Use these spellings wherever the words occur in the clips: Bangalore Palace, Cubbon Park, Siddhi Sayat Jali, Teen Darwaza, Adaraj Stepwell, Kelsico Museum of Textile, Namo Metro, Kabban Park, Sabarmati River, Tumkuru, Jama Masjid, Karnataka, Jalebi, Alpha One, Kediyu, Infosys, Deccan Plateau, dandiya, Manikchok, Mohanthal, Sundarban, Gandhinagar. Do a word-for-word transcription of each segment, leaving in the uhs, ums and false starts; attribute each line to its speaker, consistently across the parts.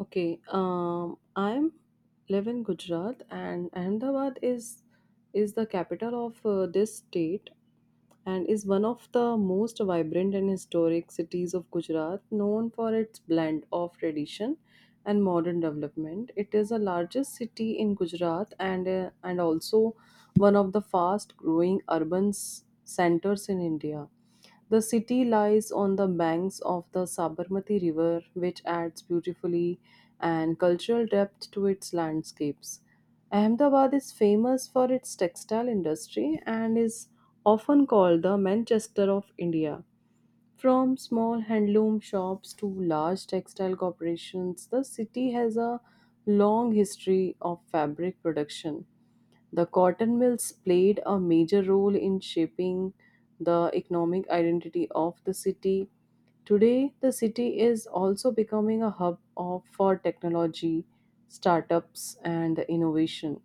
Speaker 1: Okay, um, I'm live in Gujarat, and Ahmedabad is is the capital of uh, this state and is one of the most vibrant and historic cities of Gujarat, known for its blend of tradition and modern development. It is the largest city in Gujarat and uh, and also one of the fast growing urban s- centers in India. The city lies on the banks of the Sabarmati River, which adds beautifully and cultural depth to its landscapes. Ahmedabad is famous for its textile industry and is often called the Manchester of India. From small handloom shops to large textile corporations, the city has a long history of fabric production. The cotton mills played a major role in shaping the economic identity of the city. Today, the city is also becoming a hub of, for technology, startups, and innovation.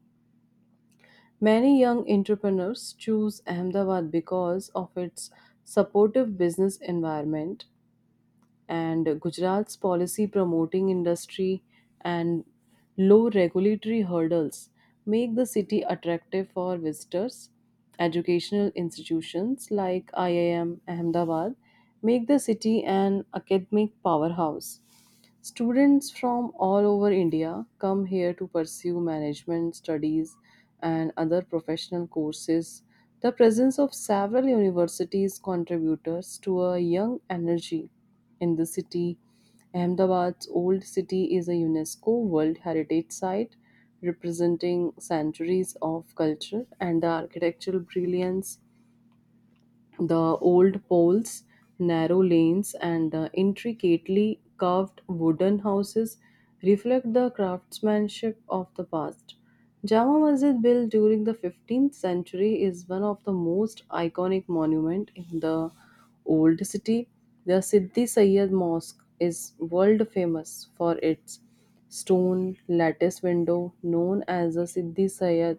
Speaker 1: Many young entrepreneurs choose Ahmedabad because of its supportive business environment and Gujarat's policy promoting industry and low regulatory hurdles make the city attractive for visitors. Educational institutions like I I M Ahmedabad make the city an academic powerhouse. Students from all over India come here to pursue management studies and other professional courses. The presence of several universities contributors to a young energy in the city. Ahmedabad's Old City is a UNESCO World Heritage Site representing centuries of culture and the architectural brilliance, the old poles, narrow lanes, and the intricately carved wooden houses reflect the craftsmanship of the past. Jama Masjid, built during the fifteenth century, is one of the most iconic monuments in the old city. The Siddhi Sayyad Mosque is world famous for its stone lattice window known as the Siddhi Sayat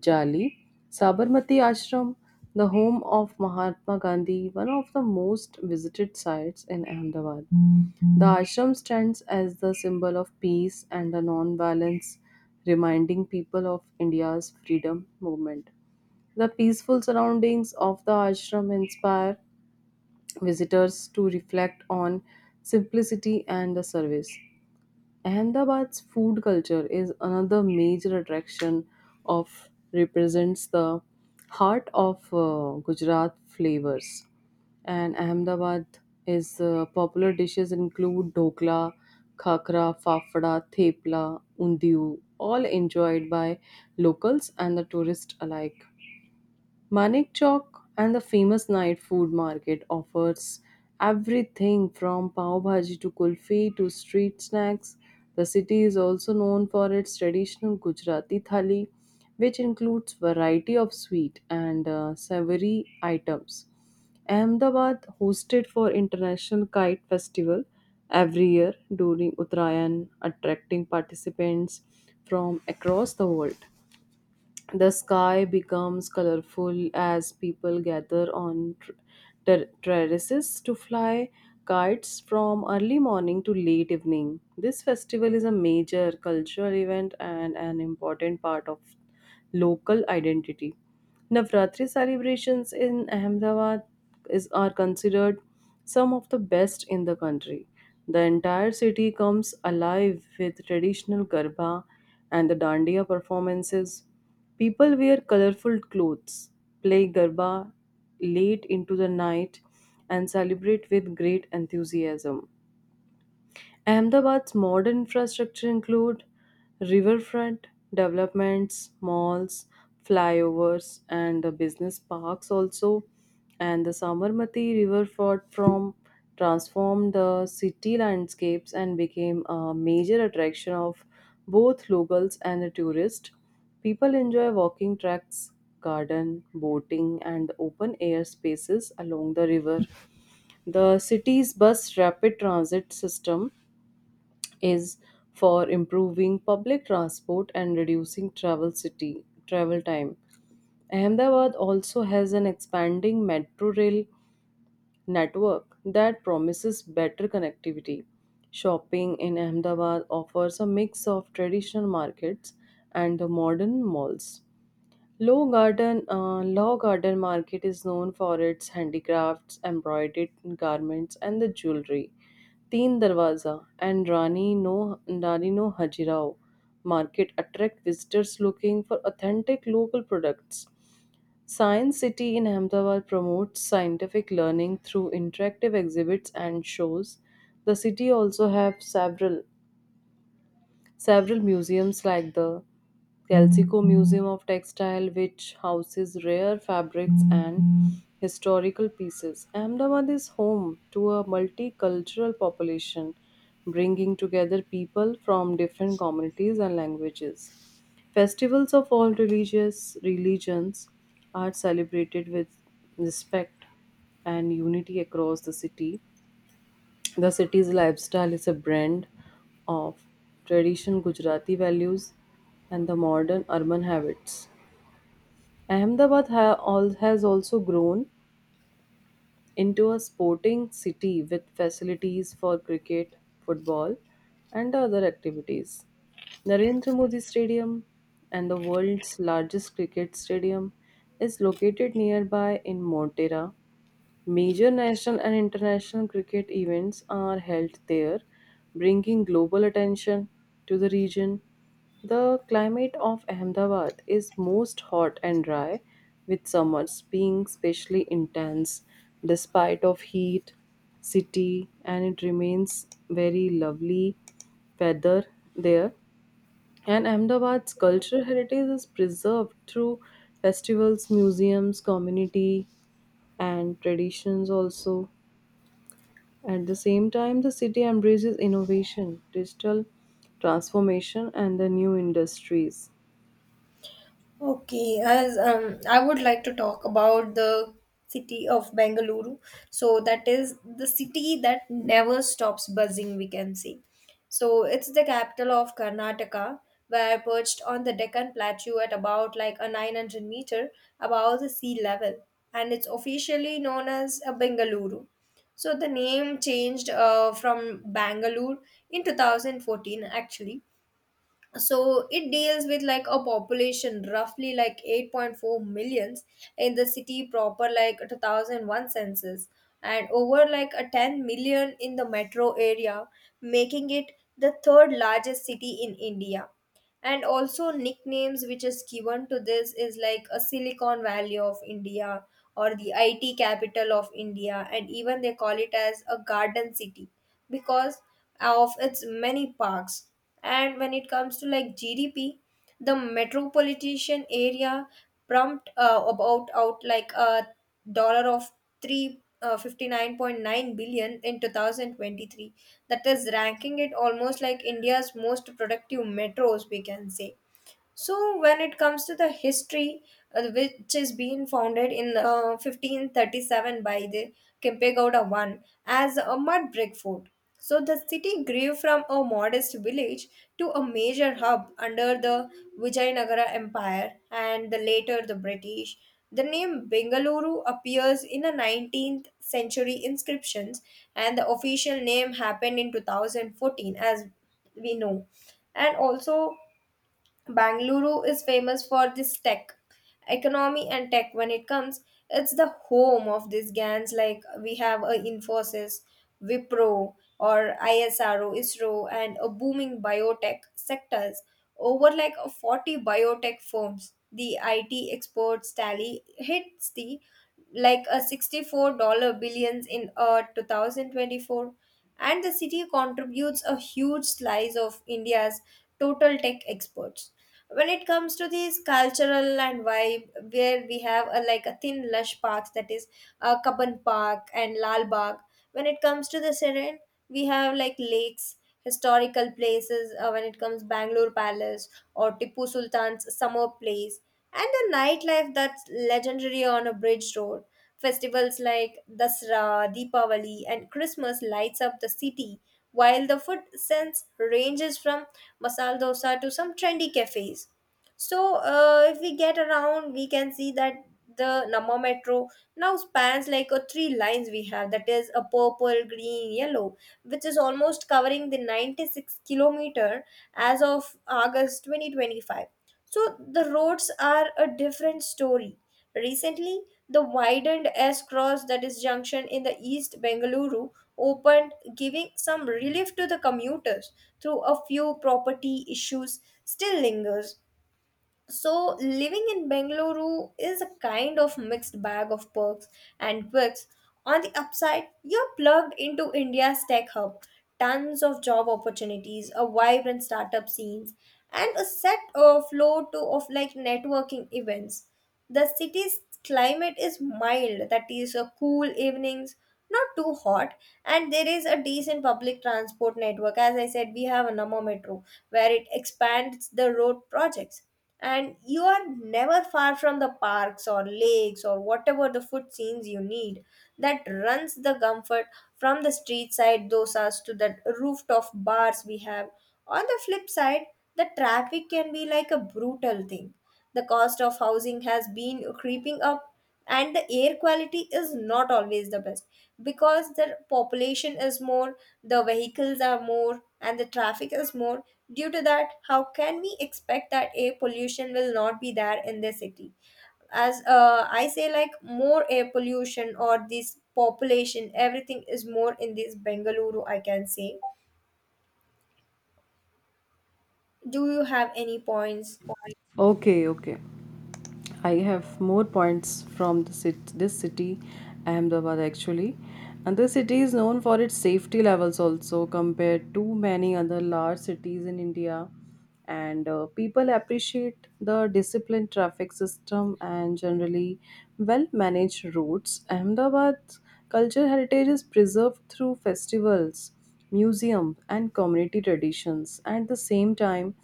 Speaker 1: Jali. Sabarmati Ashram, the home of Mahatma Gandhi, one of the most visited sites in Ahmedabad. The ashram stands as the symbol of peace and the non-violence, reminding people of India's freedom movement. The peaceful surroundings of the ashram inspire visitors to reflect on simplicity and the service. Ahmedabad's food culture is another major attraction of represents the heart of uh, Gujarat flavors. And Ahmedabad is uh, popular dishes include dokla, khakra, fafda, thepla, undiu, all enjoyed by locals and the tourists alike. Manikchok and the famous night food market offers everything from pav bhaji to kulfi to street snacks. The city is also known for its traditional Gujarati thali, which includes variety of sweet and uh, savory items. Ahmedabad hosted for International Kite Festival every year during Uttarayan, attracting participants from across the world. The sky becomes colorful as people gather on tr- ter- terraces to fly kites from early morning to late evening. This festival is a major cultural event and an important part of local identity. Navratri celebrations in Ahmedabad is, are considered some of the best in the country. The entire city comes alive with traditional garba and the dandiya performances. People wear colorful clothes, play garba late into the night, and celebrate with great enthusiasm. Ahmedabad's modern infrastructure include riverfront developments, malls, flyovers, and the business parks also. And the Samarmati Riverfront from transformed the city landscapes and became a major attraction of both locals and the tourists. People enjoy walking tracks, garden, boating, and open air spaces along the river. The city's bus rapid transit system is for improving public transport and reducing travel city travel time. Ahmedabad also has an expanding metro rail network that promises better connectivity. Shopping in Ahmedabad offers a mix of traditional markets and the modern malls. Low Garden, uh, Law Garden Market is known for its handicrafts, embroidered garments, and the jewelry. Teen Darwaza and Rani No Rani No Hajirao Market attract visitors looking for authentic local products. Science City in Ahmedabad promotes scientific learning through interactive exhibits and shows. The city also have several Several museums, like the Kelsico Museum of Textile, which houses rare fabrics and historical pieces. Ahmedabad is home to a multicultural population, bringing together people from different communities and languages. Festivals of all religious religions are celebrated with respect and unity across the city. The city's lifestyle is a blend of traditional Gujarati values and the modern urban habits. Ahmedabad ha- al- has also grown into a sporting city with facilities for cricket, football, and other activities. Narendra Modi Stadium and the world's largest cricket stadium is located nearby in Montera. Major national and international cricket events are held there, bringing global attention to the region. The climate of Ahmedabad is most hot and dry, with summers being especially intense despite of heat, city, and it remains very lovely weather there. And Ahmedabad's cultural heritage is preserved through festivals, museums, community and traditions also. At the same time, the city embraces innovation, digital transformation, and the new industries.
Speaker 2: Okay, as um, I would like to talk about the city of Bengaluru. So that is the city that never stops buzzing, we can say. So it's the capital of Karnataka, where perched on the Deccan Plateau at about like a nine hundred meter above the sea level, and it's officially known as a Bengaluru. So the name changed uh, from Bangalore in twenty fourteen actually, so it deals with like a population roughly like eight point four millions in the city proper, like two thousand one census, and over like a ten million in the metro area, making it the third largest city in India. And also nicknames which is given to this is like a Silicon Valley of India or the I T capital of India, and even they call it as a Garden City because of its many parks. And when it comes to like G D P, the metropolitan area pumped uh, about out like a dollar of three uh, fifty nine point nine billion in twenty twenty three, that is ranking it almost like India's most productive metros, we can say. So when it comes to the history, uh, which is being founded in uh, fifteen thirty seven by the Kempegowda one as a mud brick fort. So the city grew from a modest village to a major hub under the Vijayanagara Empire and the later the British. The name Bengaluru appears in a nineteenth century inscriptions, and the official name happened in two thousand fourteen, as we know. And also Bangalore is famous for this tech economy, and tech when it comes, it's the home of these GANs like we have a Infosys, Wipro or ISRO, ISRO and a booming biotech sectors, over like a forty biotech firms. The I T exports tally hits the like a sixty four dollar billions in uh, two thousand twenty four, and the city contributes a huge slice of India's total tech exports. When it comes to these cultural and vibe, where we have a, like a thin lush parks, that is uh, Kabban Park and Lal Bagh. When it comes to the serene, we have like lakes, historical places, uh, when it comes Bangalore Palace or Tipu Sultan's summer place, and the nightlife that's legendary on a bridge road. Festivals like Dasra, Deepavali and Christmas lights up the city, while the food sense ranges from masala dosa to some trendy cafes. So, uh, if we get around, we can see that the Nama Metro now spans like a three lines we have, that is a purple, green, yellow, which is almost covering the ninety six kilometer as of August twenty twenty five. So, the roads are a different story. Recently, the widened S cross, that is junction in the East Bengaluru, opened, giving some relief to the commuters, through a few property issues still lingers. So, living in Bengaluru is a kind of mixed bag of perks and quirks. On the upside, you're plugged into India's tech hub, tons of job opportunities, a vibrant startup scenes, and a set of flow to of like networking events. The city's climate is mild, that is, uh, cool evenings, not too hot, and there is a decent public transport network. As I said, we have a Namo Metro where it expands the road projects. And you are never far from the parks or lakes or whatever the food scenes you need, that runs the comfort from the street side dosas to the rooftop bars we have. On the flip side, the traffic can be like a brutal thing. The cost of housing has been creeping up and the air quality is not always the best, because the population is more, the vehicles are more, and the traffic is more. Due to that, how can we expect that air pollution will not be there in the city? as uh, I say, like more air pollution or this population, everything is more in this Bengaluru, I can say. Do you have any points?
Speaker 1: Okay, okay. I have more points from the cit- this city, Ahmedabad actually. And this city is known for its safety levels also compared to many other large cities in India. And uh, people appreciate the disciplined traffic system and generally well managed roads. Ahmedabad's cultural heritage is preserved through festivals museum, and community traditions. At the same time,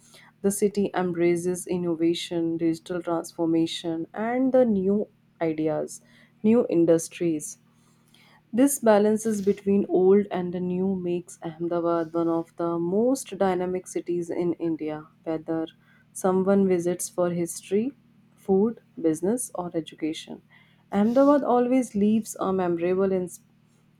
Speaker 1: the city embraces innovation, digital transformation, and the new ideas, new industries. This balances between old and the new makes Ahmedabad one of the most dynamic cities in India, whether someone visits for history, food, business, or education. Ahmedabad always leaves a memorable ins-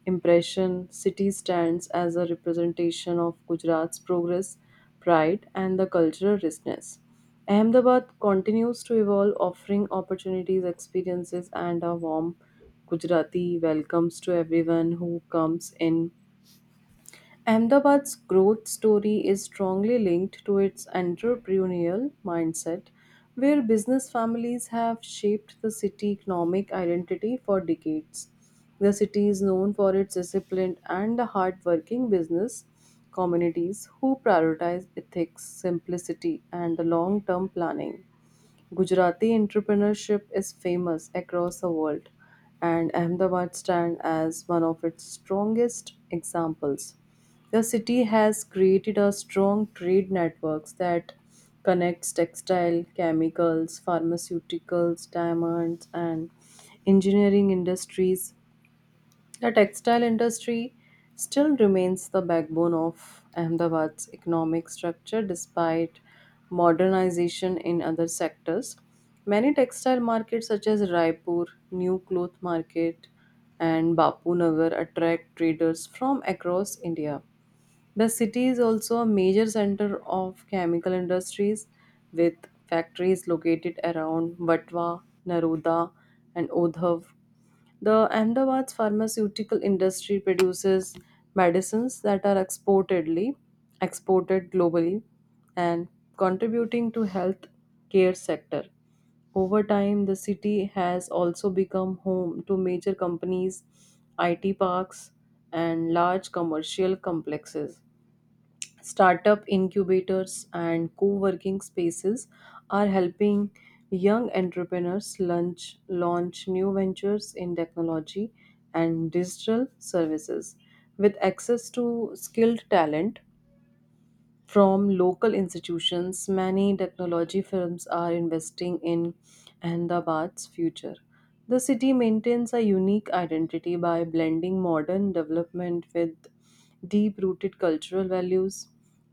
Speaker 1: impression, city stands as a representation of Gujarat's progress, pride, and the cultural richness. Ahmedabad continues to evolve, offering opportunities, experiences, and a warm Gujarati welcomes to everyone who comes in. Ahmedabad's growth story is strongly linked to its entrepreneurial mindset, where business families have shaped the city economic identity for decades. The city is known for its disciplined and hardworking business communities who prioritize ethics, simplicity, and the long term planning. Gujarati entrepreneurship is famous across the world, and Ahmedabad stands as one of its strongest examples. The city has created a strong trade networks that connects textile, chemicals, pharmaceuticals, diamonds, and engineering industries the textile industry still remains the backbone of Ahmedabad's economic structure despite modernization in other sectors. Many textile markets such as Raipur, New Cloth Market, and Bapu Nagar attract traders from across India. The city is also a major center of chemical industries with factories located around Vatva, Naroda, and Odhav the Ahmedabad's pharmaceutical industry produces medicines that are exportedly exported globally and contributing to health care sector. Over time, the city has also become home to major companies, I T parks, and large commercial complexes. Startup incubators and co working spaces are helping young entrepreneurs launch, launch new ventures in technology and digital services. With access to skilled talent, from local institutions, many technology firms are investing in Ahmedabad's future. The city maintains a unique identity by blending modern development with deep rooted cultural values.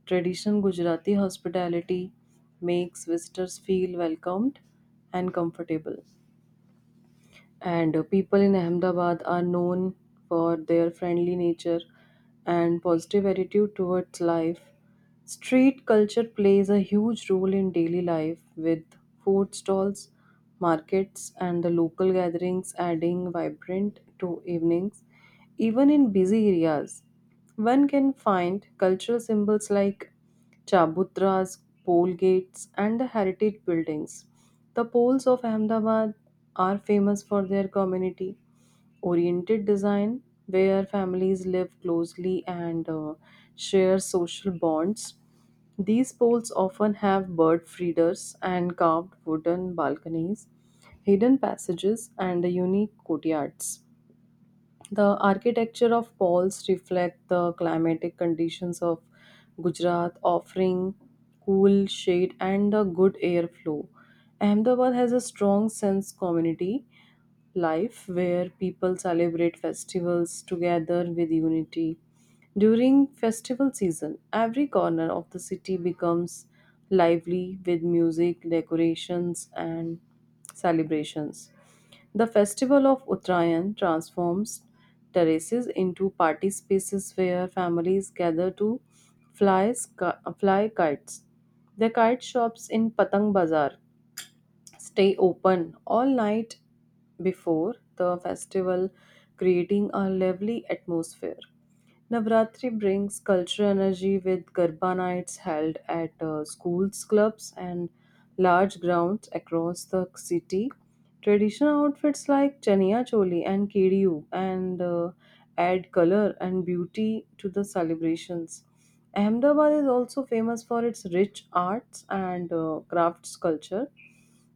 Speaker 1: Traditional Gujarati hospitality makes visitors feel welcomed and comfortable and uh, people in Ahmedabad are known for their friendly nature and positive attitude towards life. Street culture plays a huge role in daily life with food stalls, markets, and the local gatherings adding vibrant to evenings. Even in busy areas, one can find cultural symbols like chabutras, pole gates, and the heritage buildings. The poles of Ahmedabad are famous for their community oriented design, where families live closely and uh, share social bonds. These poles often have bird feeders and carved wooden balconies, hidden passages, and unique courtyards. The architecture of Paul's reflect the climatic conditions of Gujarat, offering cool shade and a good airflow. Ahmedabad has a strong sense community life where people celebrate festivals together with unity. During festival season, every corner of the city becomes lively with music, decorations, and celebrations. The festival of Uttarayan transforms terraces into party spaces where families gather to fly, sky, fly kites. The kite shops in Patang Bazaar stay open all night before the festival, creating a lively atmosphere. Navratri brings cultural energy with Garba nights held at uh, schools, clubs, and large grounds across the city. Traditional outfits like Chaniya Choli and Kediyu and uh, add color and beauty to the celebrations. Ahmedabad is also famous for its rich arts and uh, crafts culture.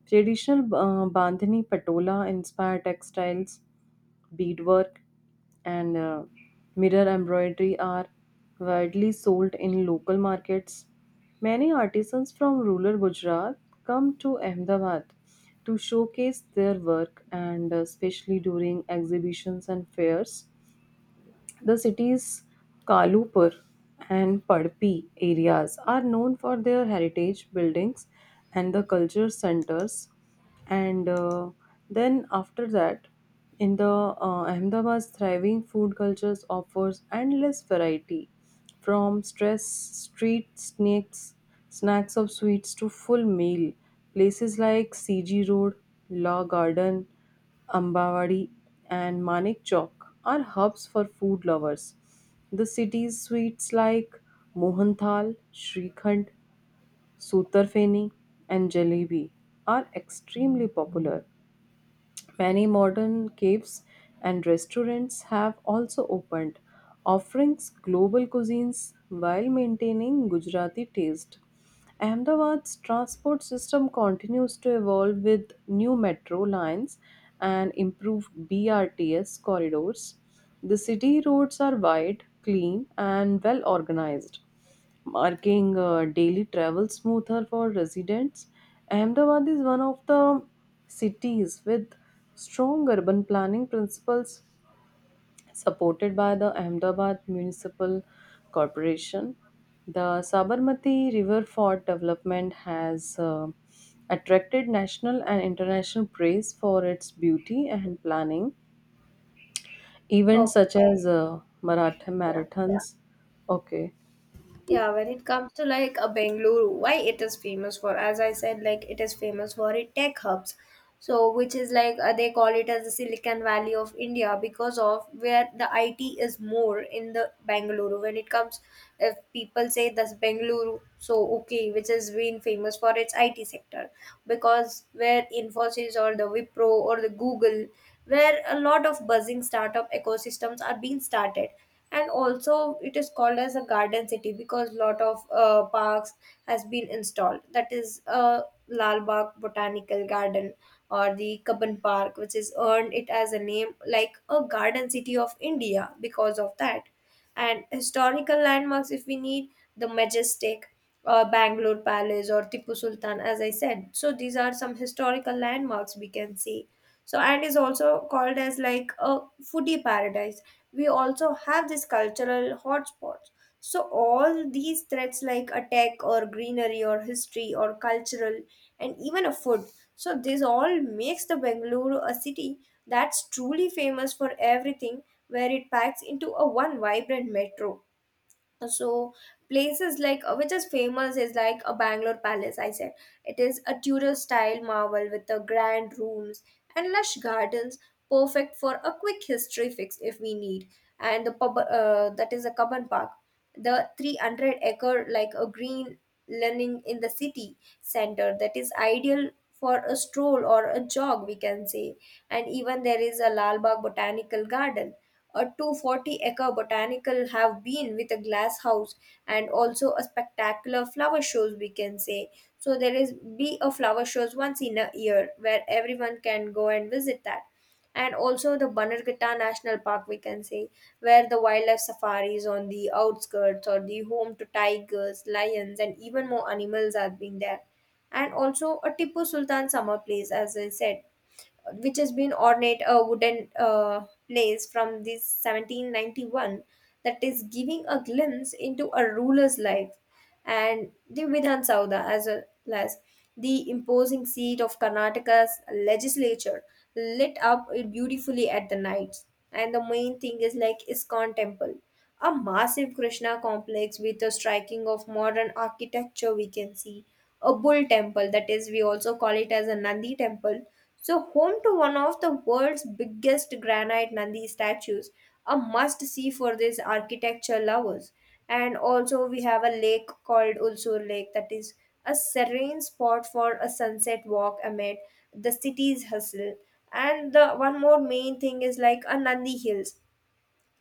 Speaker 1: Traditional uh, Bandhani Patola inspire textiles beadwork, and uh, mirror embroidery are widely sold in local markets. Many artisans from rural Gujarat come to Ahmedabad to showcase their work and uh, especially during exhibitions and fairs. The cities Kalupur and Padpi areas are known for their heritage buildings and the culture centers. And uh, then after that, in the uh, Ahmedabad's thriving food cultures offers endless variety, from stress street snacks, snacks of sweets to full meal. Places like C G Road, Law Garden. Ambawadi, and Manik Chowk are hubs for food lovers. The city's sweets like Mohanthal, Shrikhand, Sotarfeni, and Jalebi are extremely popular. Many modern caves and restaurants have also opened, offering global cuisines while maintaining Gujarati taste. Ahmedabad's transport system continues to evolve with new metro lines and improved B R T S corridors. The city roads are wide, clean, and well organized making uh, daily travel smoother for residents. Ahmedabad is one of the cities with strong urban planning principles supported by the Ahmedabad Municipal Corporation. The Sabarmati River Fort development has uh, attracted national and international praise for its beauty and planning. Events
Speaker 2: Oh,
Speaker 1: such as uh, Maratha
Speaker 2: yeah.
Speaker 1: marathons. Okay,
Speaker 2: Yeah, when it comes to like a Bangalore, why it is famous for? As I said, like it is famous for its tech hubs. So, which is like uh, they call it as the Silicon Valley of India because of where the I T is more in the Bangalore. When it comes, if people say that's Bangalore, so okay, which has been famous for its I T sector, because where Infosys or the Wipro or the Google, where a lot of buzzing startup ecosystems are being started. And also it is called as a Garden City because lot of uh, parks has been installed, that is uh, Lal Bagh Botanical Garden or the Kabban Park, which has earned it as a name like a Garden City of India because of that. And historical landmarks, if we need the majestic uh, Bangalore Palace or Tipu Sultan, as I said. So these are some historical landmarks we can see, so and is also called as like a foodie paradise. We also have these cultural hotspots. So all these threads like a tech or greenery or history or cultural and even a food, so this all makes the Bengaluru a city that's truly famous for everything, where it packs into a one vibrant metro. So places like uh, which is famous is like a Bangalore Palace, I said. It is a Tudor style marvel with the grand rooms and lush gardens, perfect for a quick history fix if we need. And the pub uh, that is a Cubbon Park, the three hundred acre like a green learning in the city center, that is ideal for a stroll or a jog, we can say. And even there is a Lalbagh Botanical Garden, a two hundred forty acre botanical have been with a glass house, and also a spectacular flower shows, we can say. So there is be a flower shows once in a year, where everyone can go and visit that. And also the Bannerghatta National Park, we can say, where the wildlife safaris on the outskirts or the home to tigers, lions, and even more animals are being there. And also a Tipu Sultan summer place, as I said, which has been ornate a wooden uh, place from this seventeen ninety one, that is giving a glimpse into a ruler's life. And the Vidhan Sabha as well as the imposing seat of Karnataka's legislature lit up beautifully at the night. And the main thing is like Iskon Temple, a massive Krishna complex with a striking of modern architecture, we can see. A bull temple, that is, we also call it as a Nandi temple. So, home to one of the world's biggest granite Nandi statues, a must see for these architecture lovers. And also we have a lake called Ulsur Lake, that is a serene spot for a sunset walk amid the city's hustle. And the one more main thing is like a Nandi Hills,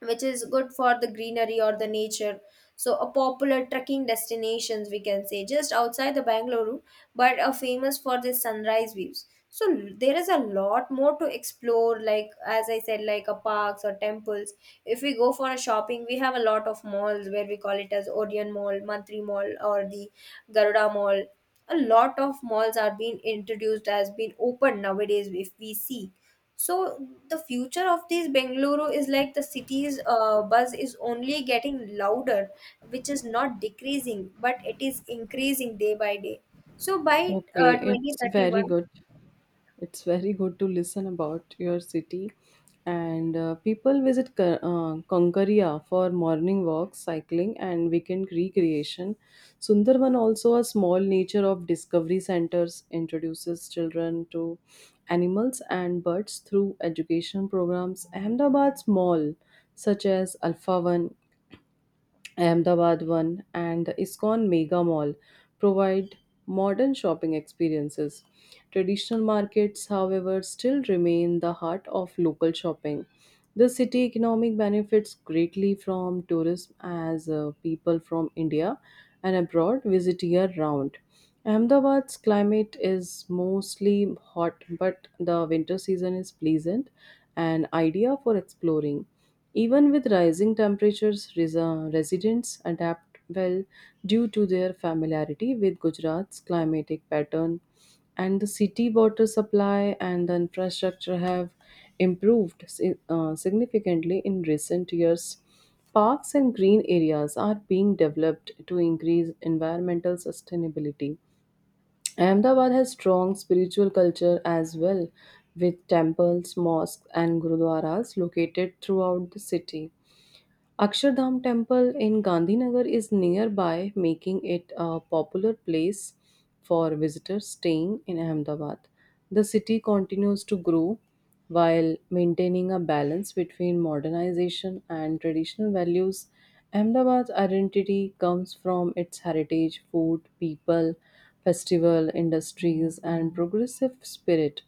Speaker 2: which is good for the greenery or the nature. So a popular trekking destinations, we can say, just outside the Bangalore, but are famous for the sunrise views. So there is a lot more to explore, like as I said, like a parks or temples. If we go for a shopping, we have a lot of malls where we call it as Orion Mall, Mantri Mall, or the Garuda Mall. A lot of malls are being introduced as being open nowadays if we see. So the future of this Bengaluru is like the city's uh, buzz is only getting louder, which is not decreasing, but it is increasing day by day. So by
Speaker 1: okay,
Speaker 2: uh,
Speaker 1: it's very
Speaker 2: twenty thirty one,
Speaker 1: good. It's very good to listen about your city. And uh, people visit Ka- uh, Konkaria for morning walks, cycling, and weekend recreation. Sundarban, also a small nature of discovery centers, introduces children to animals and birds through education programs. Ahmedabad's mall, such as Alpha One, Ahmedabad One, and the ISKCON Mega Mall provide modern shopping experiences. Traditional markets, however, still remain the heart of local shopping. The city economic benefits greatly from tourism as uh, people from India and abroad visit year round. Ahmedabad's climate is mostly hot, but the winter season is pleasant and idea for exploring. Even with rising temperatures, res- uh, residents adapt well due to their familiarity with Gujarat's climatic pattern, and the city water supply and the infrastructure have improved si- uh, significantly in recent years. Parks and green areas are being developed to increase environmental sustainability. Ahmedabad has strong spiritual culture as well, with temples, mosques, and gurudwaras located throughout the city. Akshardham Temple in Gandhinagar is nearby, making it a popular place for visitors staying in Ahmedabad. The city continues to grow while maintaining a balance between modernization and traditional values. Ahmedabad's identity comes from its heritage, food, people, festival, industries, and progressive spirit.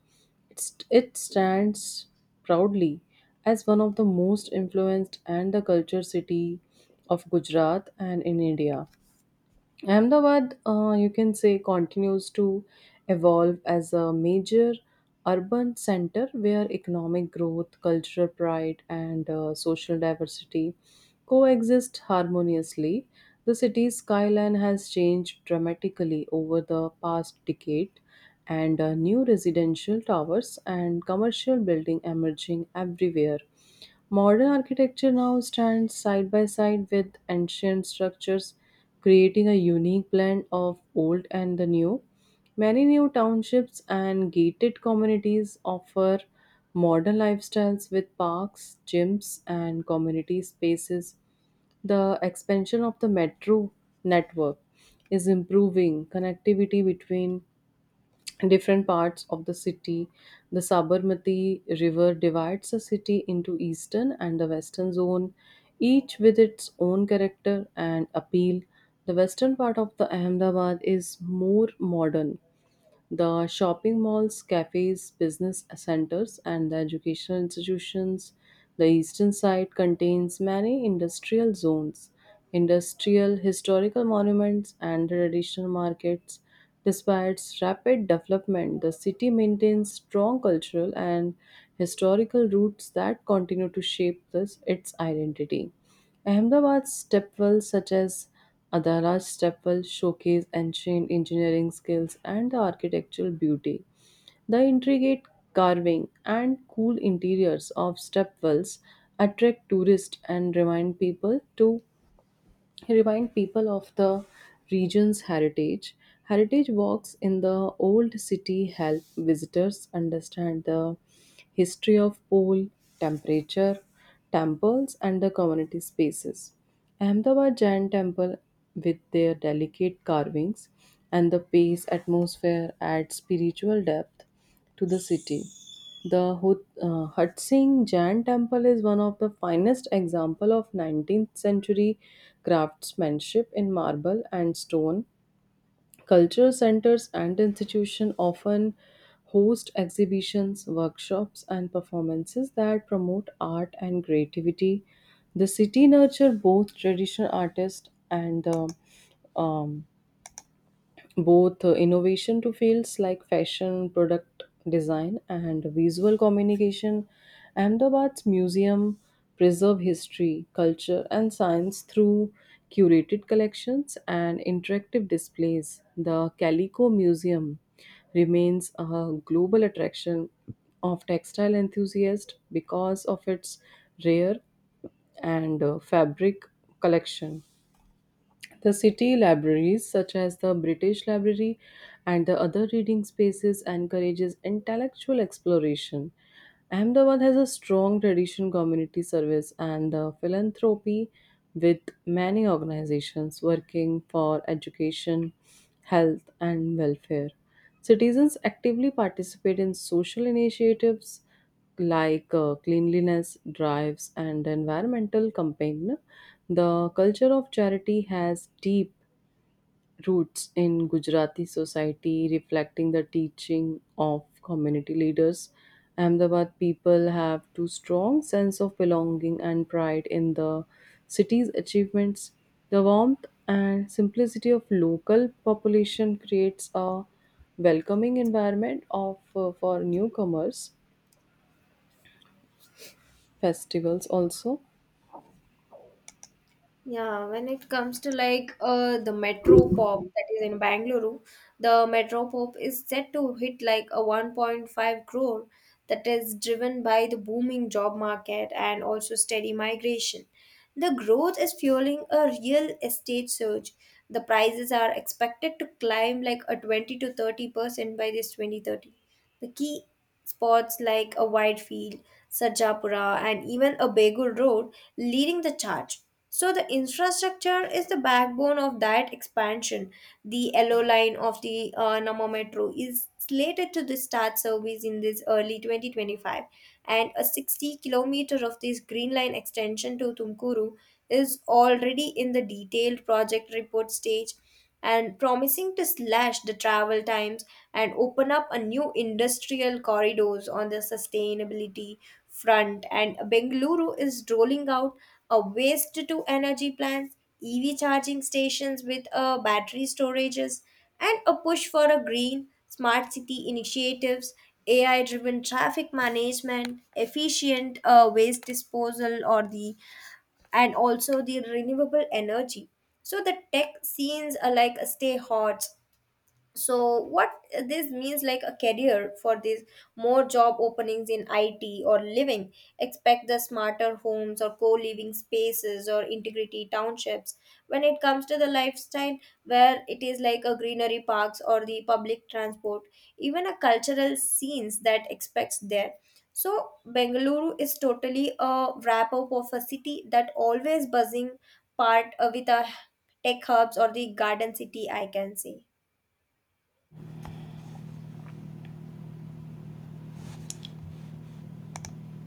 Speaker 1: It's, it stands proudly as one of the most influenced and the culture city of Gujarat and in India. Ahmedabad, uh, you can say, continues to evolve as a major urban center where economic growth, cultural pride, and uh, social diversity coexist harmoniously. The city's skyline has changed dramatically over the past decade, and uh, new residential towers and commercial building emerging everywhere. Modern architecture now stands side by side with ancient structures, creating a unique blend of old and the new. Many new townships and gated communities offer modern lifestyles with parks, gyms, and community spaces. The expansion of the metro network is improving connectivity between different parts of the city. The Sabarmati River divides the city into eastern and the western zone, each with its own character and appeal. The western part of the Ahmedabad is more modern the shopping malls, cafes, business centers, and the educational institutions. The eastern side contains many industrial zones, industrial historical monuments, and traditional markets. Despite its rapid development, the city maintains strong cultural and historical roots that continue to shape this, its identity. Ahmedabad's stepwells, such as Adaraj Stepwell, showcase ancient engineering skills and the architectural beauty. The intricate carving and cool interiors of stepwells attract tourists and remind people to remind people of the region's heritage. Heritage walks in the old city help visitors understand the history of pool, temperature, temples, and the community spaces. Ahmedabad Jain Temple, with their delicate carvings and the pace atmosphere, adds spiritual depth to the city. The Hut- uh, Hutsing Jain Temple is one of the finest example of nineteenth century craftsmanship in marble and stone. Cultural centers and institutions often host exhibitions, workshops, and performances that promote art and creativity. The city nurture both traditional artists and the um, both uh, innovation to fields like fashion, product design, and visual communication. Ahmedabad's museum preserve history, culture, and science through curated collections and interactive displays. The Calico Museum remains a global attraction of textile enthusiasts because of its rare and uh, fabric collection. The city libraries, such as the British Library and the other reading spaces, encourages intellectual exploration. Ahmedabad has a strong tradition community service and uh, philanthropy with many organizations working for education, health and welfare. Citizens actively participate in social initiatives like uh, cleanliness drives and environmental campaign, the culture of charity has deep roots in Gujarati society, reflecting the teaching of community leaders. Ahmedabad people have too strong sense of belonging and pride in the city's achievements. The warmth and simplicity of local population creates a welcoming environment of uh, for newcomers festivals also
Speaker 2: yeah, when it comes to like uh the Metro Pop that is in Bangalore, the Metro Pop is set to hit like a one point five crore, that is driven by the booming job market and also steady migration. The growth is fueling a real estate surge. The prices are expected to climb like a twenty to thirty percent by this twenty thirty. The key spots like a wide field, Sarjapura, and even a Begul Road, leading the charge. So, the infrastructure is the backbone of that expansion. The yellow line of the uh, Namo Metro is slated to the start service in this early twenty twenty five, and a sixty kilometer of this green line extension to Tumkuru is already in the detailed project report stage and promising to slash the travel times and open up a new industrial corridors on the sustainability front. And Bengaluru is rolling out a waste to energy plants, E V charging stations with uh, battery storages, and a push for a green smart city initiatives, A I driven traffic management, efficient uh, waste disposal or the, and also the renewable energy. So the tech scenes are like stay hot. So what this means like a career for these, more job openings in I T, or living, expect the smarter homes or co-living spaces or integrity townships. When it comes to the lifestyle, where it is like a greenery parks or the public transport, even a cultural scenes that expects there. So Bengaluru is totally a wrap up of a city that always buzzing part uh, with a tech hubs or the garden city, I can say.